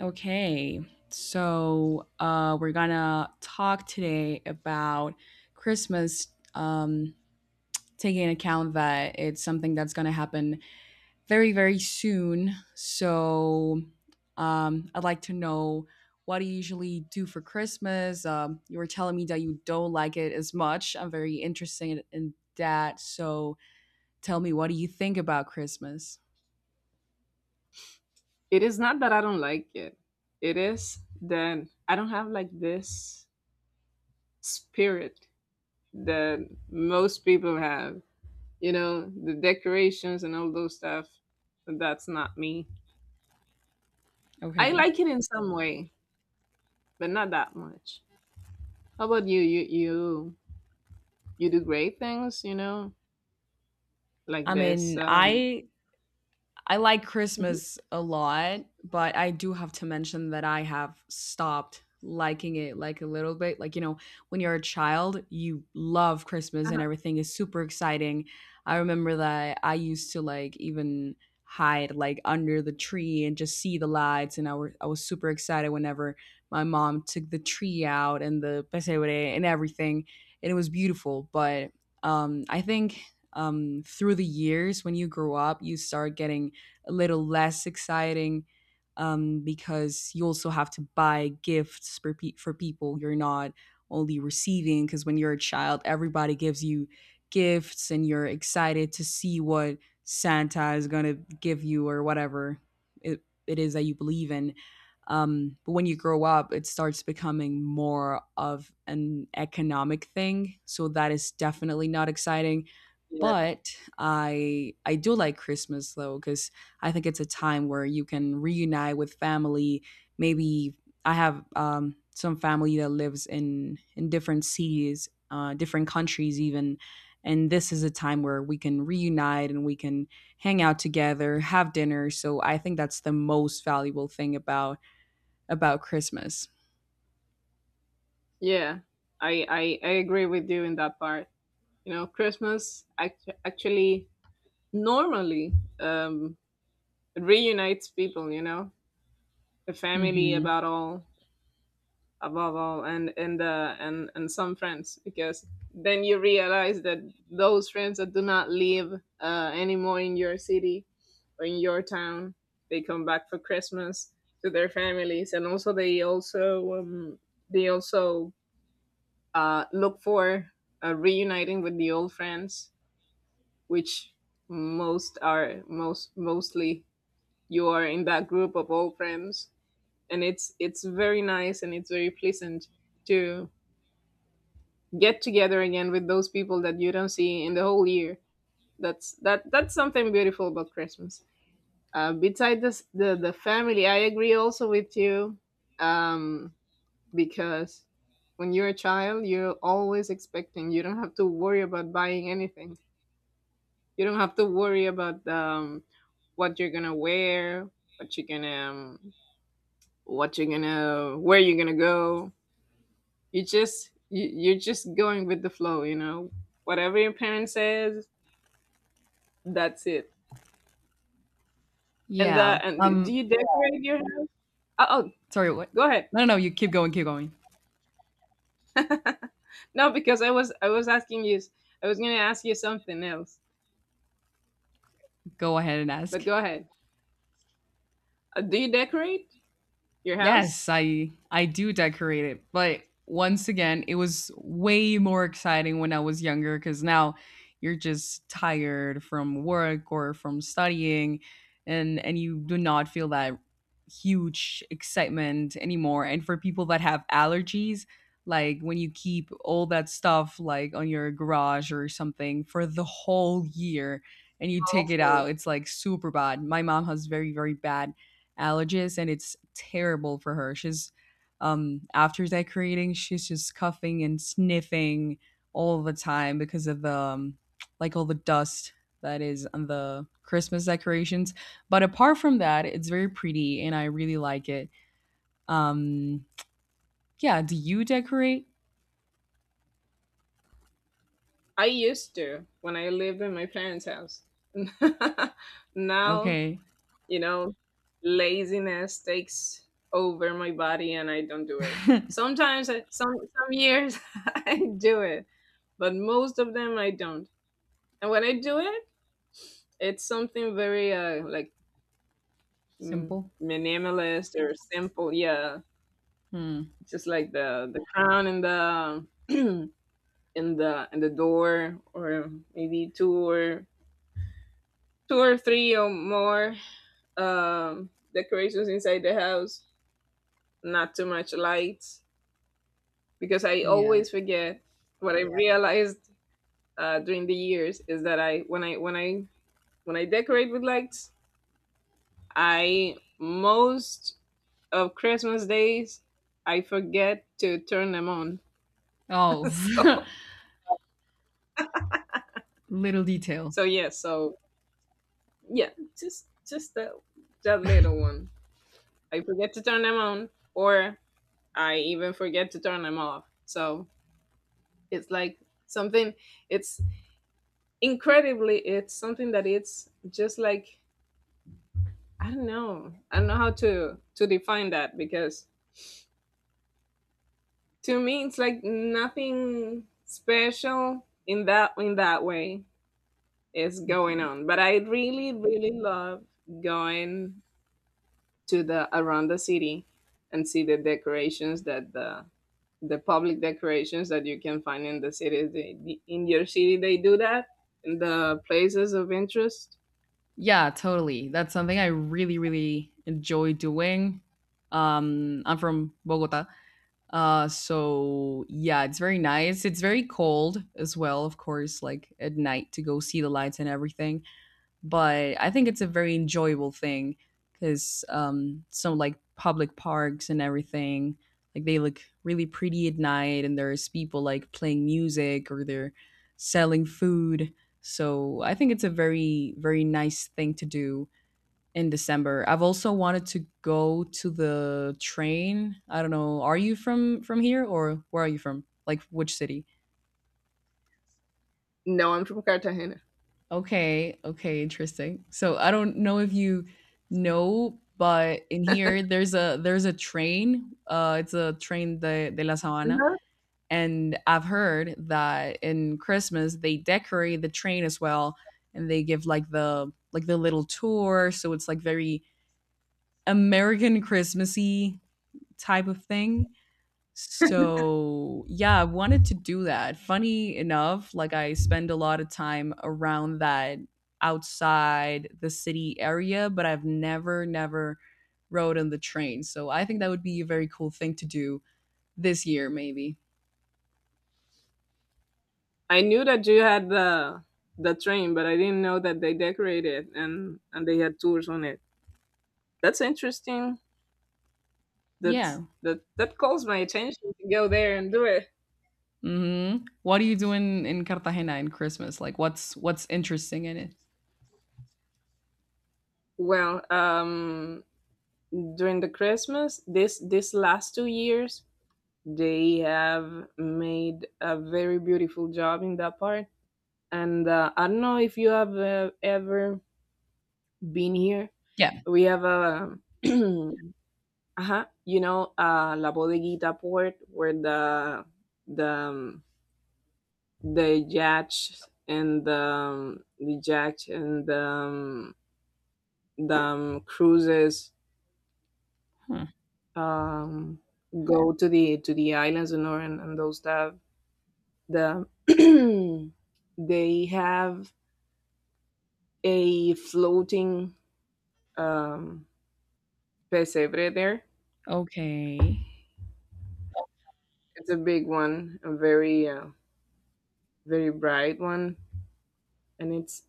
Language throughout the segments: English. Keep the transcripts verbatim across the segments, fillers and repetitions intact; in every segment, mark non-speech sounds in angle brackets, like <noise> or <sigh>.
Okay, so uh, we're gonna talk today about Christmas, um, taking into account that it's something that's gonna happen very, very soon. So um, I'd like to know, what do you usually do for Christmas? Um, you were telling me that you don't like it as much. I'm very interested in that. So tell me, what do you think about Christmas? It is not that I don't like it. It is that I don't have like this spirit that most people have. You know, the decorations and all those stuff. That's not me. I Okay. like it in some way, but not that much. How about you? You you you do great things, you know, like I this. mean, Um, I I like Mhm. Christmas a lot, but I do have to mention that I have stopped liking it like a little bit. Like, you know, when you're a child, you love Christmas and Uh-huh. everything is super exciting. I remember that I used to like even hide like under the tree and just see the lights, and I were I was super excited whenever my mom took the tree out and the pesebre and everything, and it was beautiful, but um I think um, through the years when you grow up you start getting a little less exciting um, because you also have to buy gifts for, pe- for people. You're not only receiving, because when you're a child, everybody gives you gifts and you're excited to see what Santa is going to give you, or whatever it, it is that you believe in. Um, but when you grow up, it starts becoming more of an economic thing. So that is definitely not exciting, Yeah. but i i do like Christmas, though, because I think it's a time where you can reunite with family. Maybe I have um some family that lives in in different cities, uh different countries even, and this is a time where we can reunite and we can hang out together, have dinner. So I think that's the most valuable thing about about Christmas. Yeah, I, I I agree with you in that part. You know, Christmas act- actually normally um it reunites people, you know, the family Hmm. about all above all, and and uh and and some friends, because then you realize that those friends that do not live uh anymore in your city or in your town, they come back for Christmas to their families. And also they also um they also uh look for uh, reuniting with the old friends, which most are most mostly you are in that group of old friends. And it's it's very nice, and it's very pleasant to get together again with those people that you don't see in the whole year. That's that that's something beautiful about Christmas. Uh, besides this, the the family, I agree also with you, um, because when you're a child, you're always expecting. You don't have to worry about buying anything. You don't have to worry about um, what you're gonna wear, what you're gonna um, what you're gonna where you're gonna go. You just you, you're just going with the flow, you know, whatever your parent says. That's it. and Yeah, uh and do um you decorate your house? Oh, oh, sorry, what? go ahead. No no you keep going, keep going. <laughs> No, because i was I was asking you. I was gonna ask you something else, Go ahead and but ask. go ahead. Uh, do you decorate your house? Yes, I I do decorate it, but once again, it was way more exciting when I was younger, cuz now you're just tired from work or from studying, and and you do not feel that huge excitement anymore. And for people that have allergies, like when you keep all that stuff like on your garage or something for the whole year and you take it Awful. out, it's like super bad. My mom has very, very bad allergies, and it's terrible for her. She's um after decorating, she's just coughing and sniffing all the time because of the um, like all the dust that is on the Christmas decorations. But apart from that, it's very pretty and I really like it. Um yeah, do you decorate? I used to, when I lived in my parents house. <laughs> Now, Okay. you know laziness takes over my body, and I don't do it <laughs> sometimes. I, some some years, <laughs> I do it, but most of them I don't. And when I do it, it's something very uh like... mm, Simple. minimalist or simple, yeah. Hmm. Just like the the crown in the <clears throat> in the in the door, or maybe two or two or three or more um decorations inside the house. Not too much lights, because I Yeah. always forget. What I realized uh, during the years is that I when I when I when I decorate with lights, I, most of Christmas days, I forget to turn them on. Oh, <laughs> so <laughs> little detail. so yeah, so yeah, just just that that little one. I forget to turn them on, or I even forget to turn them off. So, it's like something, it's incredibly it's something that it's just like, I don't know. I don't know how to to define that, because to me, it's like nothing special in that in that way is going Okay. on. But I really, really love going to the around the city and see the decorations that the the public decorations that you can find in the city. They, the- in your city, they do that in the places of interest. Yeah, totally. That's something I really, really enjoy doing. Um, I'm from Bogota. Uh, so yeah, it's very nice. It's very cold as well, of course, like at night, to go see the lights and everything, but I think it's a very enjoyable thing because um, some like public parks and everything, like they look really pretty at night, and there's people like playing music or they're selling food. So I think it's a very, very nice thing to do in December. I've also wanted to go to the train. I don't know, are you from from here, or where are you from? Like, which city? No, I'm from Cartagena. Okay, okay, interesting. So I don't know if you know, but in here there's a there's a train. Uh, it's a train de, de la Sabana, and I've heard that in Christmas they decorate the train as well, and they give like the like the little tour. So it's like very American Christmassy type of thing. So, yeah, I wanted to do that. Funny enough, like I spend a lot of time around that, outside the city area, but I've never, never rode on the train. So I think that would be a very cool thing to do this year, maybe. I knew that you had the the train, but I didn't know that they decorated and and they had tours on it. That's interesting. That Yeah. that that calls my attention to go there and do it. Mhm. What are you doing in Cartagena in Christmas? Like, what's what's interesting in it? Well, um, during the Christmas, this this last two years, they have made a very beautiful job in that part. And uh, I don't know if you have uh, ever been here. Yeah. We have a <clears throat> Uh-huh. You know, uh, La Bodeguita port where the the um, the yacht and the um, the yacht and the um, the um, cruises Huh. um go to the to the islands and or and, and those stuff. The <clears throat> they have a floating um pesebre there. Okay. It's a big one, a very uh, very bright one, and it's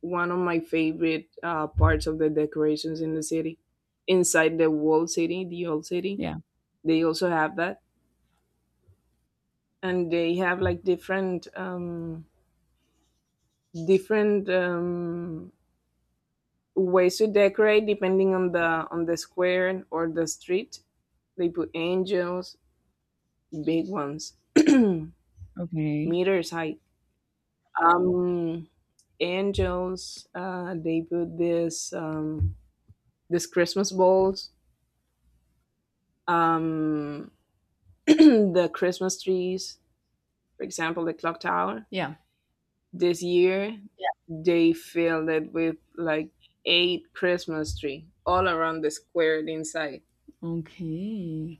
one of my favorite uh, parts of the decorations in the city. Inside the walled city, the old city, Yeah. they also have that, and they have like different um, different um, ways to decorate depending on the on the square or the street. They put angels, big ones, <clears throat> Okay. meters high. Um, Angels. Uh, they put this um, this Christmas balls. Um, <clears throat> the Christmas trees, for example, the clock tower. Yeah. This year, they filled it with like eight Christmas tree all around the square inside, Okay.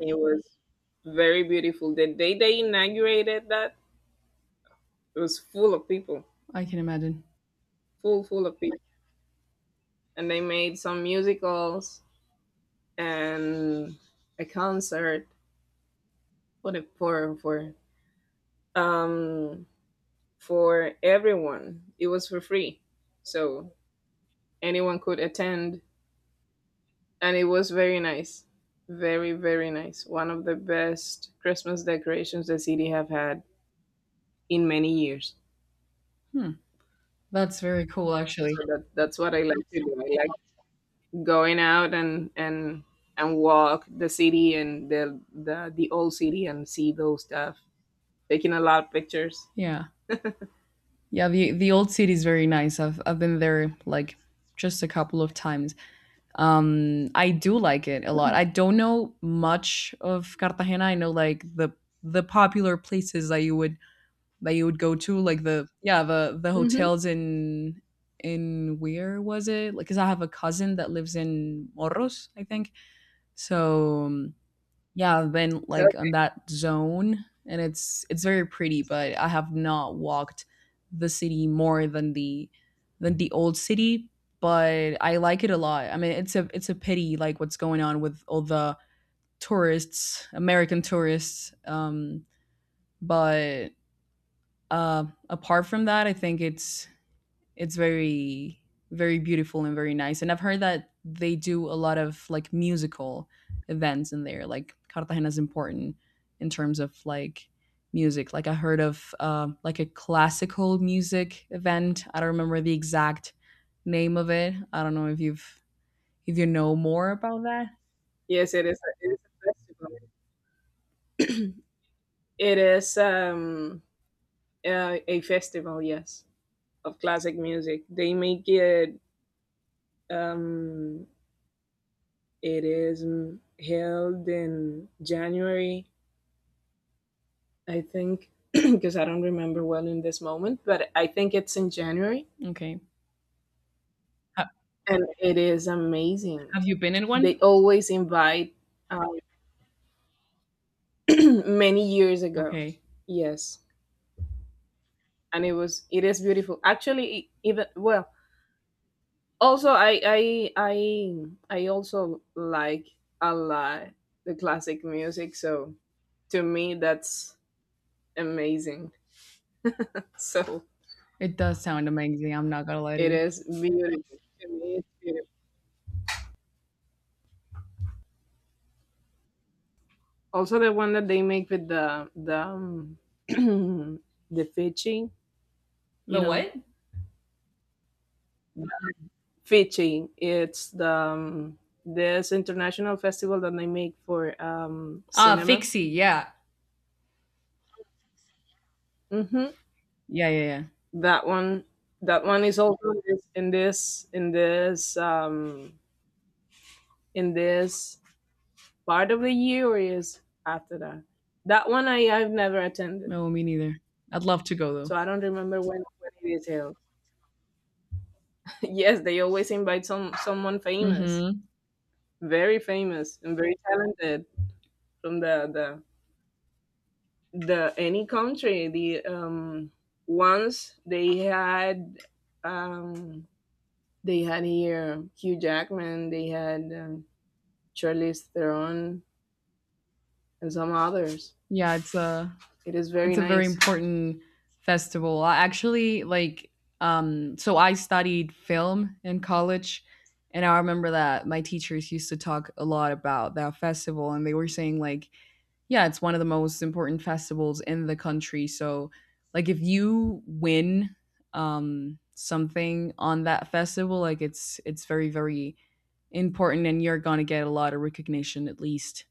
and it was very beautiful. The day they inaugurated that, it was full of people, I can imagine. full full of people, and they made some musicals and a concert for the for for um for everyone. It was for free, so anyone could attend, and it was very nice, very very nice, one of the best Christmas decorations the city have had in many years. Hmm. That's very cool, So actually. that, that's what I like to do. I like going out, and and and walk the city, and the the, the old city, and see those stuff, taking a lot of pictures. Yeah. Yeah, the the old city is very nice. I've I've been there like just a couple of times. Um, I do like it a lot. I don't know much of Cartagena. I know like the the popular places that you would that you would go to, like the, yeah, the the Hmm. hotels in in where was it? Like, cuz I have a cousin that lives in Morros, I think. So um, yeah, I've been like on that zone and it's it's very pretty, but I have not walked the city more than the than the old city, but I like it a lot. I mean, it's a it's a pity like what's going on with all the tourists, American tourists. Um, but uh, apart from that, I think it's it's very, very beautiful and very nice. And I've heard that they do a lot of like musical events in there. Like Cartagena is important in terms of like music. Like I heard of uh, like a classical music event. I don't remember the exact name of it. I don't know if you've if you know more about that. Yes, it is a, it is a festival, it is um uh, a festival yes, of classic music they make it. um It is mm, held in January, I think, because <clears throat> I don't remember well in this moment, but I think it's in January. Okay, Ha- And it is amazing. have you been in one? They always invite um, <clears throat> many years ago. Okay, Yes. And it was, it is beautiful. Actually, e- even, well, also, I, I, I, I also like a lot the classic music. So to me, that's amazing. <laughs> So, it does sound amazing. I'm not gonna lie to it you. is beautiful to me. It's beautiful. Also, the one that they make with the the um, <clears throat> the fishing, you The know, what? fishing. It's the um, this international festival that they make for um, Ah, cinema. Fixie. Yeah. Hmm. Yeah, yeah, yeah. That one, that one is also in this in this in this, um, in this part of the year, or is after that. That one I I've never attended, No, me neither. I'd love to go though. so I don't remember when when it is held. <laughs> Yes, they always invite some someone famous, Mhm. very famous and very talented from the the the any country. The um once they had um they had here Hugh Jackman, they had um, Charlize Theron and some others. Yeah, it's a It is very it's a very nice. important festival. I actually like um so I studied film in college, and I remember that my teachers used to talk a lot about that festival and they were saying like, yeah, it's one of the most important festivals in the country. So like if you win um something on that festival, like it's it's very, very important and you're going to get a lot of recognition, at least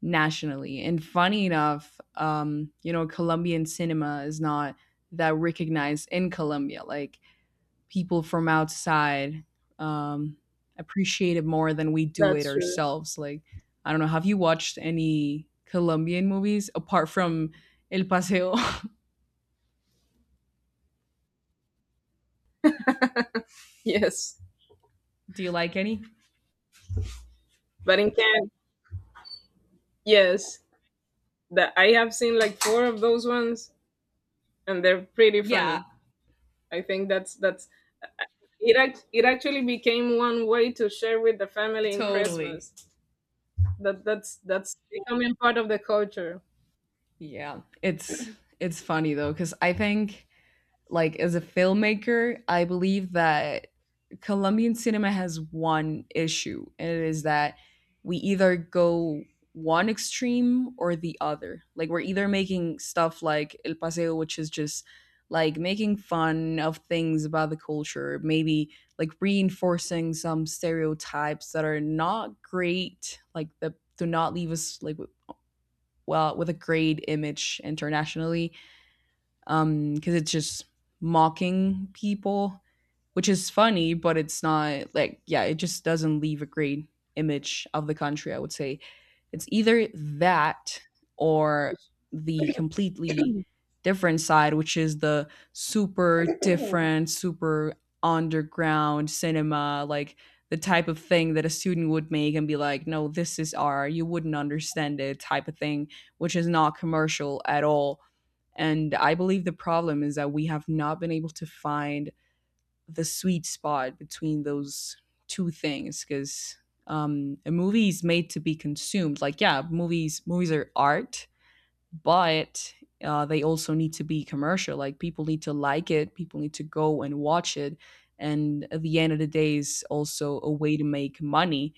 nationally. And funny enough, um, you know, Colombian cinema is not that recognized in Colombia. Like, people from outside um, appreciate it more than we do it That's true. ourselves. Like, I don't know, have you watched any Colombian movies apart from El Paseo? Yes, <laughs> Do you like any? but in Cannes, yes, that I have seen like four of those ones, and they're pretty Yeah, funny. I think that's that's It act- it actually became one way to share with the family in totally. Christmas. That that's that's becoming part of the culture. Yeah, it's it's funny though, because I think like as a filmmaker, I believe that Colombian cinema has one issue, and it is that we either go one extreme or the other. Like we're either making stuff like El Paseo, which is just like making fun of things about the culture, maybe like reinforcing some stereotypes that are not great, like that do not leave us like w- well, with a great image internationally, um because it's just mocking people, which is funny, but it's not like, yeah, it just doesn't leave a great image of the country, I would say. It's either that or the completely different side, which is the super different, super underground cinema, like the type of thing that a student would make and be like, no, this is art, you wouldn't understand it, type of thing, which is not commercial at all. And I believe the problem is that we have not been able to find the sweet spot between those two things, because um, a movie is made to be consumed. Like, yeah, movies movies are art, but uh, they also need to be commercial. Like, people need to like it, people need to go and watch it, and at the end of the day, is also a way to make money.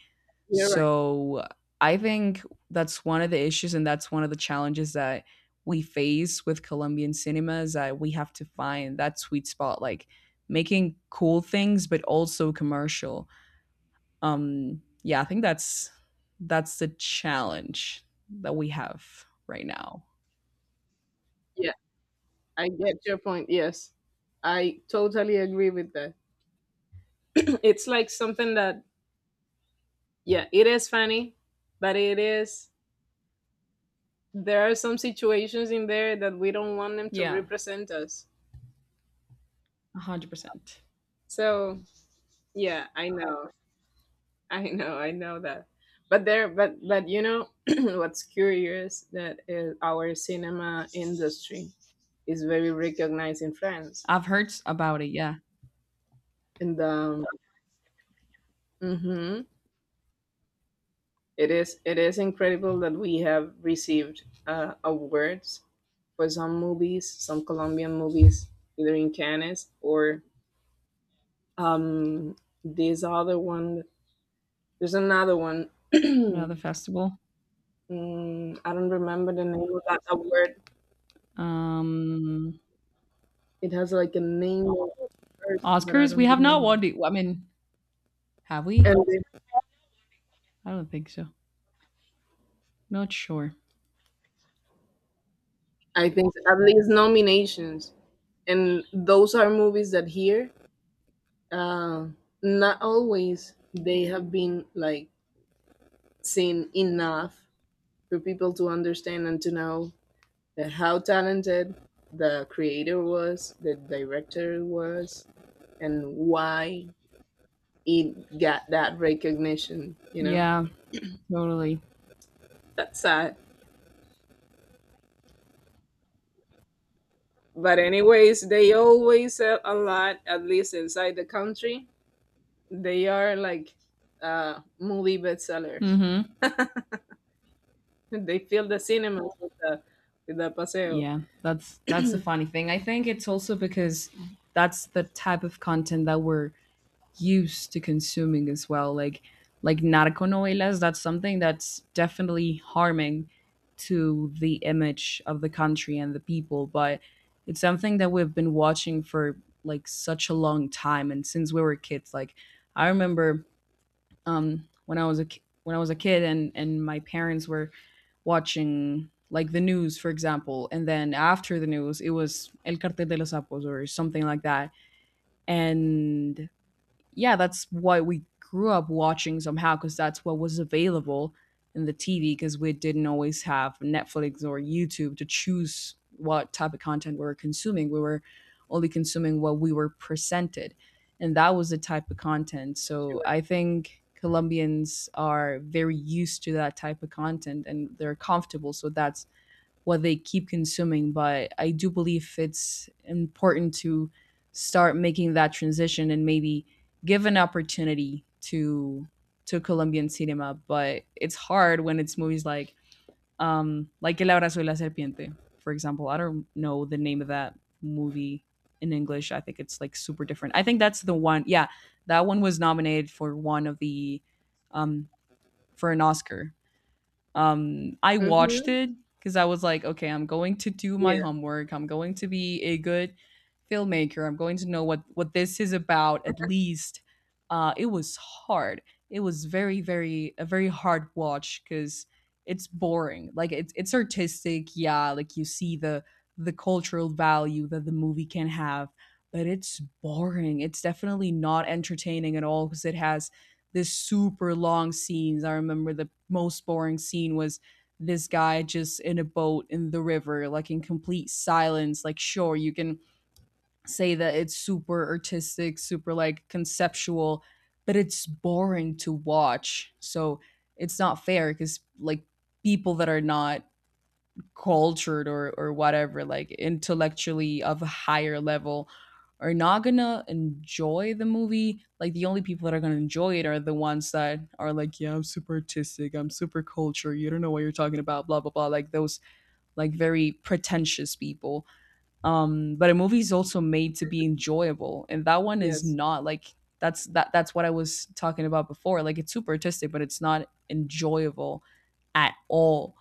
You're right. So I think that's one of the issues, and that's one of the challenges that we face with Colombian cinema, is that we have to find that sweet spot, like making cool things but also commercial. Um, yeah, I think that's that's the challenge that we have right now. Yeah, I get your point. Yes, I totally agree with that. <clears throat> It's like something that, yeah, it is funny, but it is there are some situations in there that we don't want them to Yeah, represent us. one hundred percent. So yeah, I know. <laughs> I know, I know that. But there, but but you know, <clears throat> what's curious that is, our cinema industry is very recognized in France. I've heard s- about it. Yeah, And um, mhm, it is it is incredible that we have received uh, awards for some movies, some Colombian movies, either in Cannes or um, this other one. There's another one. another <clears throat> festival. Mm, I don't remember the name of that award. Um, It has like a name of a person, but I Oscars. We don't have not won. remember. The, I mean, have we? And then I don't think so. Not sure. I think at least nominations, and those are movies that here, uh, not always they have been like seen enough for people to understand and to know that how talented the creator was, the director was, and why it got that recognition. You know, Yeah, totally. that's sad. But anyways, they always sell a lot, at least inside the country. They are like uh movie bestsellers. Mhm. <laughs> They fill the cinemas with the with the paseo. Yeah, that's that's the funny thing. I think it's also because that's the type of content that we're used to consuming as well. Like like narco novelas, that's something that's definitely harming to the image of the country and the people, but it's something that we've been watching for like such a long time and since we were kids. Like, I remember um when I was a ki- when I was a kid, and and my parents were watching like the news, for example, and then after the news, it was El Cartel de los Sapos or something like that. And yeah, that's what we grew up watching somehow, because that's what was available in the T V, because we didn't always have Netflix or YouTube to choose what type of content we were consuming. We were only consuming what we were presented, and that was the type of content. So Sure. I think Colombians are very used to that type of content and they're comfortable. So that's what they keep consuming. But I do believe it's important to start making that transition and maybe give an opportunity to to Colombian cinema. But it's hard when it's movies like um, like El Abrazo de la Serpiente, for example. I don't know the name of that movie in English. I think it's like super different. I think that's the one. Yeah, that one was nominated for one of the um, for an Oscar. Um, I watched Mm-hmm. it because I was like, okay, I'm going to do my Yeah. homework. I'm going to be a good filmmaker. I'm going to know what what this is about at least. Uh, it was hard. It was very, very a very hard watch because it's boring. Like it's it's artistic, yeah. Like you see the the cultural value that the movie can have, but it's boring. It's definitely not entertaining at all because it has this super long scenes. I remember the most boring scene was this guy just in a boat in the river, like in complete silence. Like, sure, you can say that it's super artistic, super like conceptual, but it's boring to watch. So it's not fair because, like, people that are not cultured or or whatever, like intellectually of a higher level, are not gonna enjoy the movie. Like the only people that are gonna enjoy it are the ones that are like, yeah, I'm super artistic, I'm super cultured, you don't know what you're talking about, blah blah blah, like those, like, very pretentious people. Um but a movie is also made to be enjoyable, and that one is Yes. not, like, that's that that's what I was talking about before. Like it's super artistic but it's not enjoyable at all.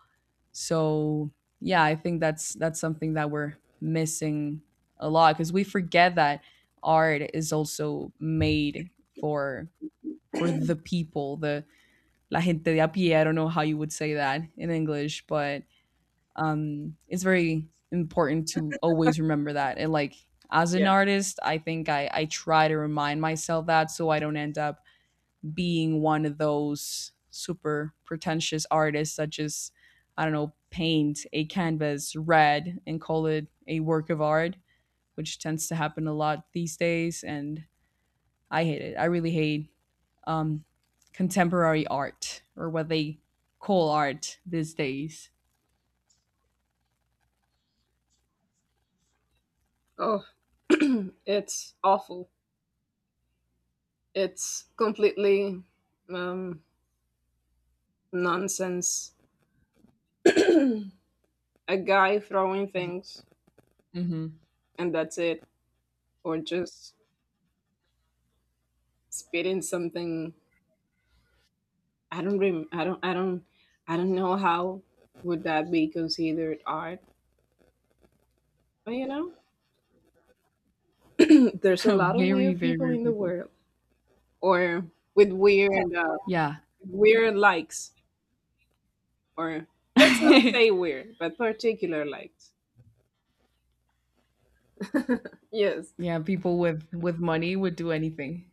So yeah, I think that's that's something that we're missing a lot, because we forget that art is also made for for the people, the la gente de a pie. I don't know how you would say that in English, but um, it's very important to always remember that. And like, as an Yes. artist, I think I I try to remind myself that, so I don't end up being one of those super pretentious artists that just, I don't know, paint a canvas red and call it a work of art, which tends to happen a lot these days. And I hate it. I really hate um, contemporary art, or what they call art these days. Oh, <clears throat> it's awful. It's completely um nonsense. <clears throat> A guy throwing things Hmm. and that's it, or just spitting something. I don't rem- I don't I don't I don't know how would that be considered art. But you know, <clears throat> there's a <laughs> lot of Very weird very people rare in the people. world, or with weird uh, Yeah. weird likes. Or let's not <laughs> say weird, but particular likes. Yes. Yeah, people with with money would do anything.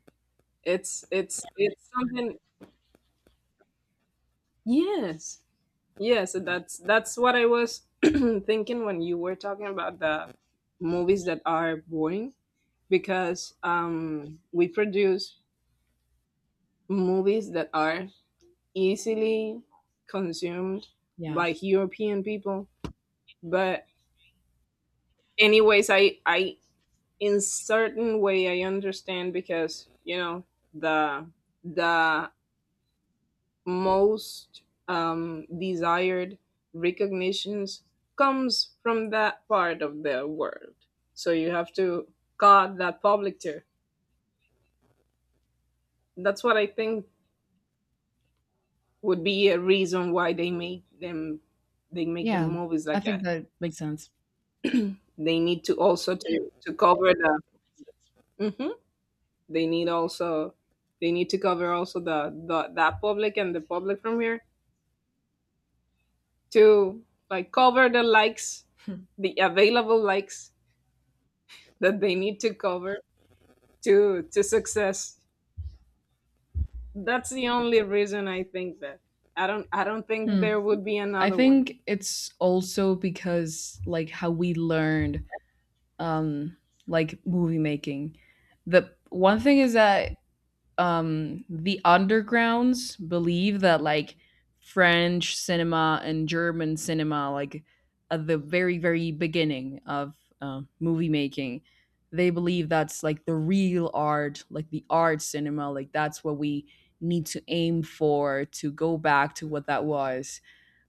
It's it's it's something, yes. Yes, that's that's what I was <clears throat> thinking when you were talking about the movies that are boring, because um we produce movies that are easily consumed Yeah. by European people. But anyways, I I in certain way I understand because, you know, the the most um, desired recognitions comes from that part of the world. So you have to guard that public tier. That's what I think would be a reason why they make them they make the Yeah. movies I like think that. that makes sense. They need to also to, to cover the. Mhm. they need also they need to cover also the, the that public and the public from here to like cover the likes, the available likes that they need to cover to to success. That's the only reason I think that I don't I don't think Hmm. there would be I another one. think it's also because, like, how we learned um like movie making. The one thing is that um the undergrounds believe that, like, French cinema and German cinema, like, at the very very beginning of uh, movie making, they believe that's like the real art, like the art cinema, like that's what we need to aim for, to go back to what that was.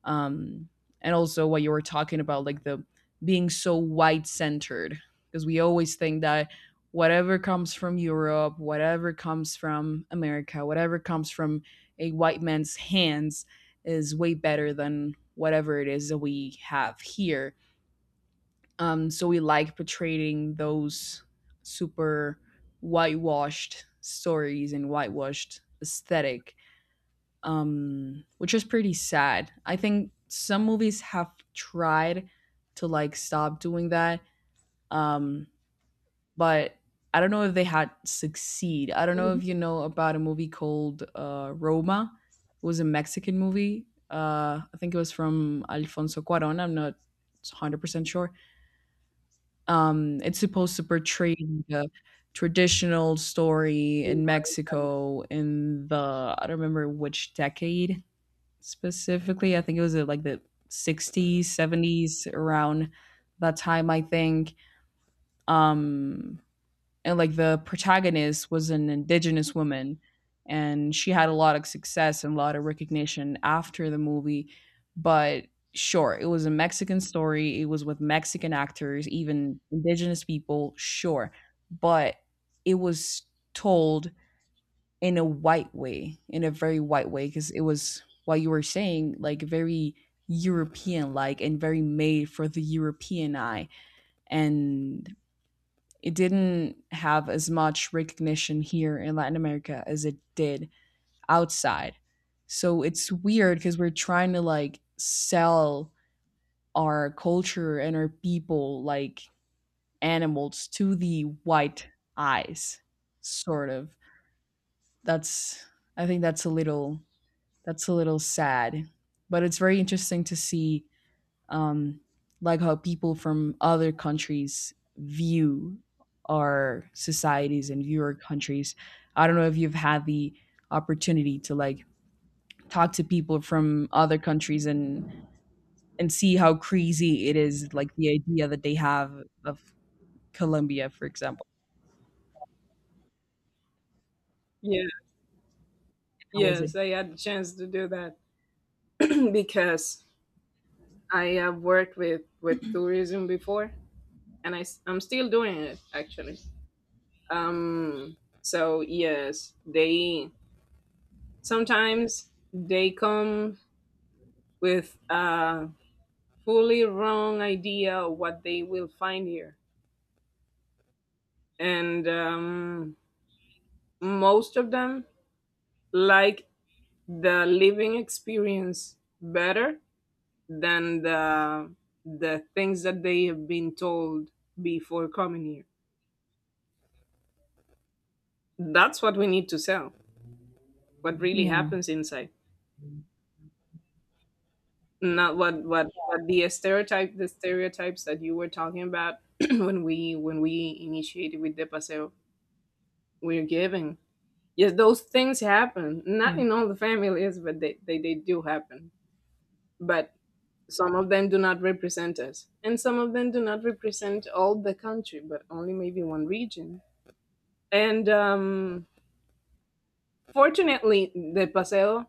Um, and also what you were talking about, like the being so white centered, because we always think that whatever comes from Europe, whatever comes from America, whatever comes from a white man's hands is way better than whatever it is that we have here. Um, so we like portraying those super whitewashed stories and whitewashed aesthetic, um, which is pretty sad. I think some movies have tried to, like, stop doing that, um, but I don't know if they had succeed. I don't know Mhm. if you know about a movie called uh, Roma. It was a Mexican movie. Uh, I think it was from Alfonso Cuarón. I'm not one hundred percent sure. Um, it's supposed to portray the traditional story No. in Mexico in the, I don't remember which decade, specifically. I think it was uh, like the sixties, seventies, around that time, I think. Um, and like the protagonist was an indigenous woman, and she had a lot of success and a lot of recognition after the movie. But sure, it was a Mexican story, it was with Mexican actors, even indigenous people, sure. But it was told in a white way, in a very white way, because it was what you were saying, like very European, like, and very made for the European eye. And it didn't have as much recognition here in Latin America as it did outside. So it's weird because we're trying to, like, sell our culture and our people like animals to the white eyes, sort of. That's, I think that's a little, that's a little sad. But it's very interesting to see, um, like how people from other countries view our societies and view our countries. I don't know if you've had the opportunity to, like, talk to people from other countries and and see how crazy it is, like the idea that they have of Colombia, for example. Yeah. How was it? Yes, I had a chance to do that <clears throat> because I have worked with with tourism before, and I i am still doing it actually. Um, so yes, they sometimes they come with a fully wrong idea of what they will find here, and um, most of them like the living experience better than the the things that they have been told before coming here. That's what we need to sell. What really Yeah, happens inside. Not what what Yeah, what the stereotype the stereotypes that you were talking about <clears throat> when we when we initiated with the paseo we're giving, yes, those things happen, not yeah. in all the families, but they, they they do happen. But some of them do not represent us, and some of them do not represent all the country, but only maybe one region. And um fortunately the paseo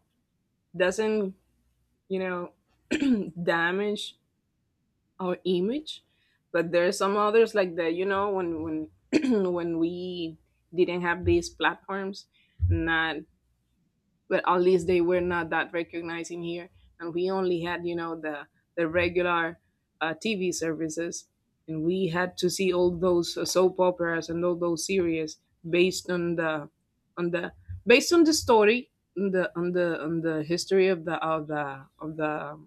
doesn't, you know, <clears throat> damage our image. But there are some others like that, you know, when when <clears throat> when we didn't have these platforms, not, but at least they were not that recognized in here, and we only had, you know, the the regular uh, TV services, and we had to see all those uh, soap operas and all those series based on the on the based on the story on the on the on the history of the of the of the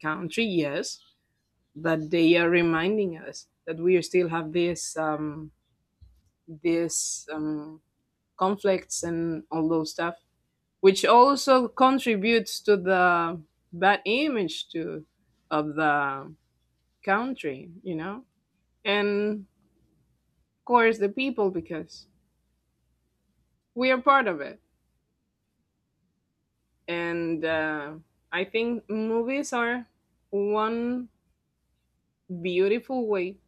country, yes, but they are reminding us that we still have this um, this um, conflicts and all those stuff, which also contributes to the bad image to of the country, you know, and of course the people, because we are part of it. And uh, I think movies are one beautiful way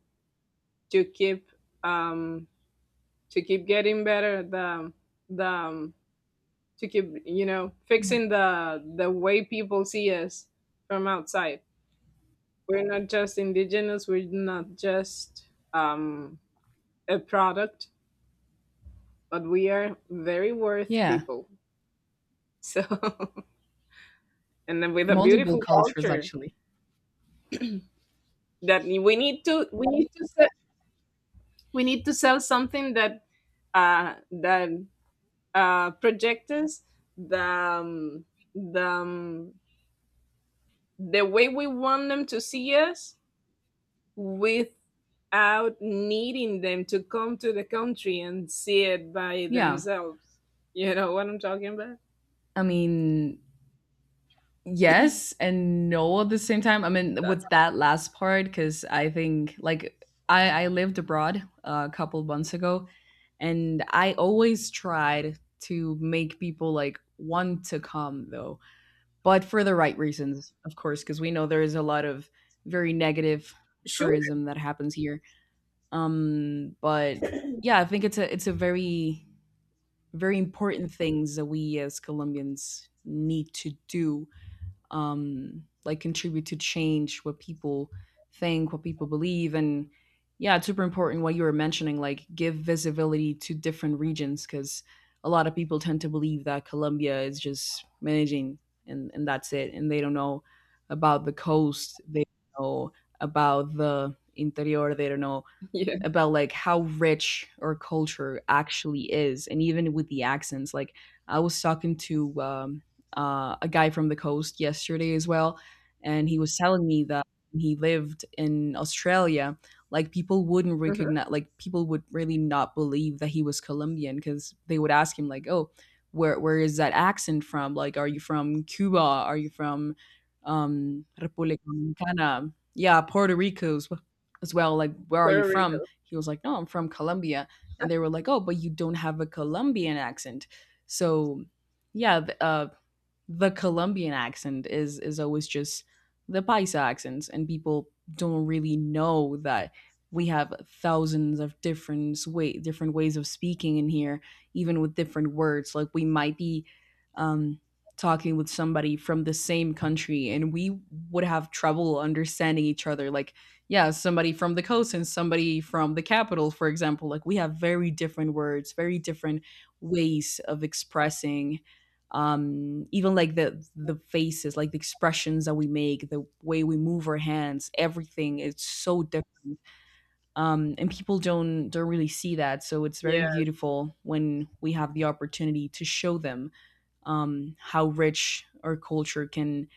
to keep um, to keep getting better the the um, to keep you know, fixing the the way people see us from outside. We're not just indigenous, we're not just um a product, but we are very worth Yeah, people. So <laughs> and then with a multiple beautiful cultures culture actually. that we need to we need to sell. We need to sell something that uh that uh projects us the um, the um, the way we want them to see us without needing them to come to the country and see it by Yeah. themselves. You know what I'm talking about? I mean, yes and no at the same time. I mean, That's with that last part, because I think, like, I, I lived abroad uh, a couple months ago, and I always tried to make people like want to come though, but for the right reasons, of course, because we know there is a lot of very negative <laughs> sure. tourism that happens here. Um, but yeah, I think it's a it's a very very important things that we as Colombians need to do, um, like contribute to change what people think, what people believe, and yeah, it's super important what you were mentioning, like give visibility to different regions, because a lot of people tend to believe that Colombia is just managing, and, and that's it, and they don't know about the coast, they don't know about the interior, they don't know Yeah. about, like, how rich our culture actually is, and even with the accents. Like I was talking to um, uh, a guy from the coast yesterday as well, and he was telling me that when he lived in Australia, like, people wouldn't Mhm. recognize, like, people would really not believe that he was Colombian, because they would ask him like, oh, where where is that accent from, like, are you from Cuba, are you from um Republica Dominicana, yeah, Puerto Rico as as well, like, where are you Puerto from? Rico. He was like, no, I'm from Colombia. And they were like, oh, but you don't have a Colombian accent. So, yeah, uh, the Colombian accent is is always just the paisa accents, and people don't really know that we have thousands of different, way different ways of speaking in here, even with different words. Like we might be, um, talking with somebody from the same country, and we would have trouble understanding each other. Like, yeah, somebody from the coast and somebody from the capital, for example. Like we have very different words, very different ways of expressing, um even like the the faces, like the expressions that we make, the way we move our hands, everything, it's so different. Um and people don't don't really see that, so it's very Yes. beautiful when we have the opportunity to show them um how rich our culture can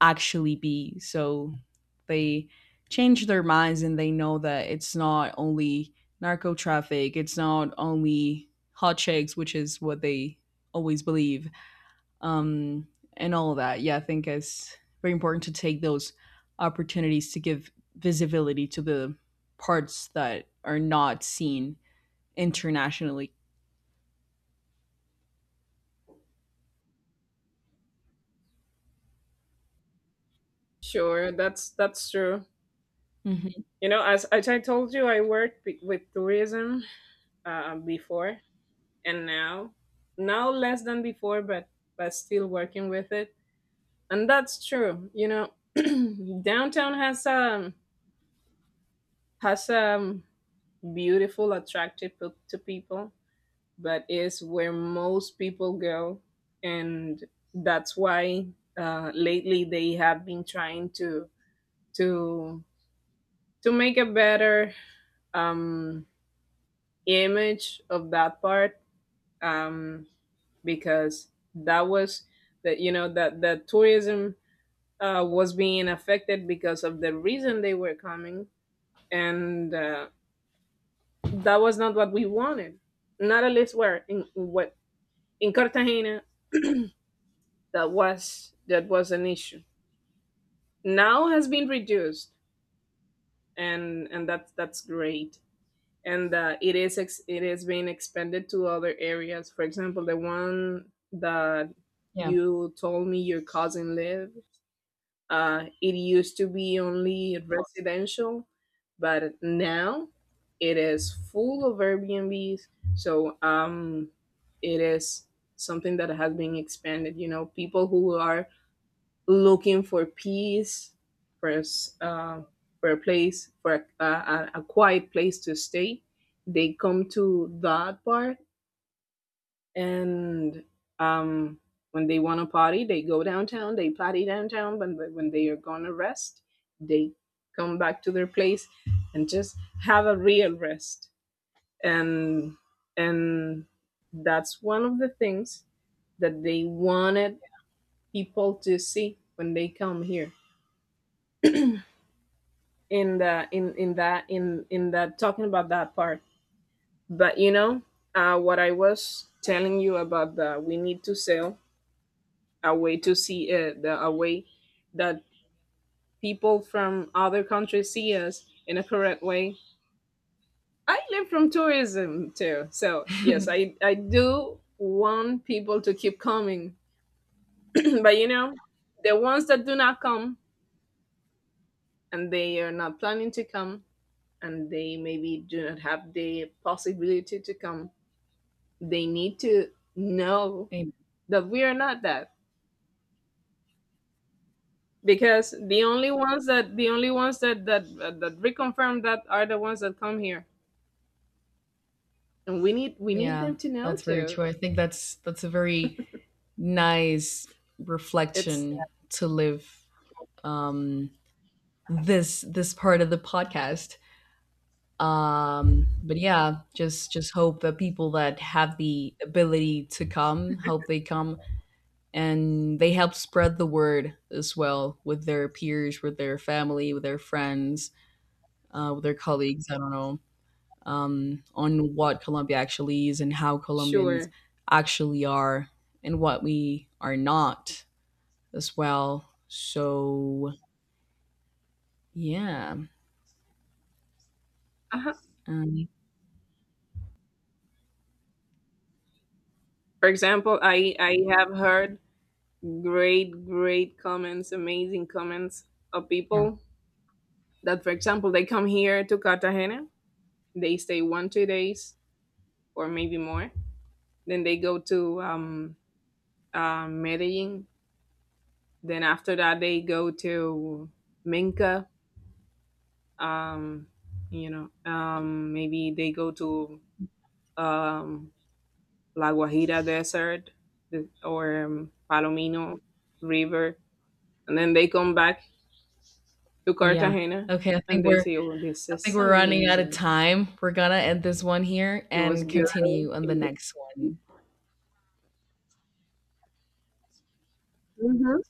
actually be. So they change their minds and they know that it's not only narco traffic, it's not only hot chicks, which is what they always believe, um, and all of that. Yeah, I think it's very important to take those opportunities to give visibility to the parts that are not seen internationally. Sure. That's that's true. Mhm. You know, as, as I told you, I worked be- with tourism uh, before, and now, now less than before, but but still working with it, and that's true. You know, <clears throat> downtown has um has um beautiful, attractive pe- to people, but is where most people go. And that's why uh, lately they have been trying to to to make a better um, image of that part, um, because that was that, you know, that the tourism uh, was being affected because of the reason they were coming. And uh, that was not what we wanted, not at least where in what in Cartagena. That was that was an issue. Now has been reduced, and and that's that's great. And uh, it is ex- it is being expanded to other areas. For example, the one that Yeah, you told me your cousin lived. Uh, it used to be only residential, but now it is full of Airbnbs. So um, it is something that has been expanded. You know, people who are looking for peace, for a s- uh, for a place, for a, a, a quiet place to stay, they come to that part. And um, when they want to party, they go downtown, they party downtown. But when when they are gonna rest, they come back to their place and just have a real rest. And and that's one of the things that they wanted people to see when they come here, in the in in that in in that, talking about that part. But you know, uh what I was telling you about, the we need to sell a way to see, uh, the a way that people from other countries see us in a correct way. I live from tourism too, so yes, i i do want people to keep coming. <clears throat> but you know, the ones that do not come, and they are not planning to come, and they maybe do not have the possibility to come, they need to know that we are not that, because the only ones that the only ones that that that reconfirm that are the ones that come here, and we need we need yeah, them to know that's very too. true. I think that's that's a very nice It's reflection to live, um, this this part of the podcast. Um, but yeah, just just hope that people that have the ability to come, hope they come and they help spread the word as well with their peers, with their family, with their friends, uh, with their colleagues. I don't know, um, on what Colombia actually is and how Colombians sure. actually are and what we are not, as well. So yeah, Uh-huh. um, For example, i i have heard great great comments, amazing comments, of yeah, people that, for example, they come here to Cartagena, they stay one two days, or maybe more, then they go to um uh, Medellin. Then after that, they go to Minka. Um, you know, um, maybe they go to um, La Guajira Desert or um, Palomino River, and then they come back to yeah. Cartagena, Okay, I and think they we're say, "Oh, this I think is we're running out of amazing. time. We're gonna end this one here It was and good. continue on It the was next one. Mhm.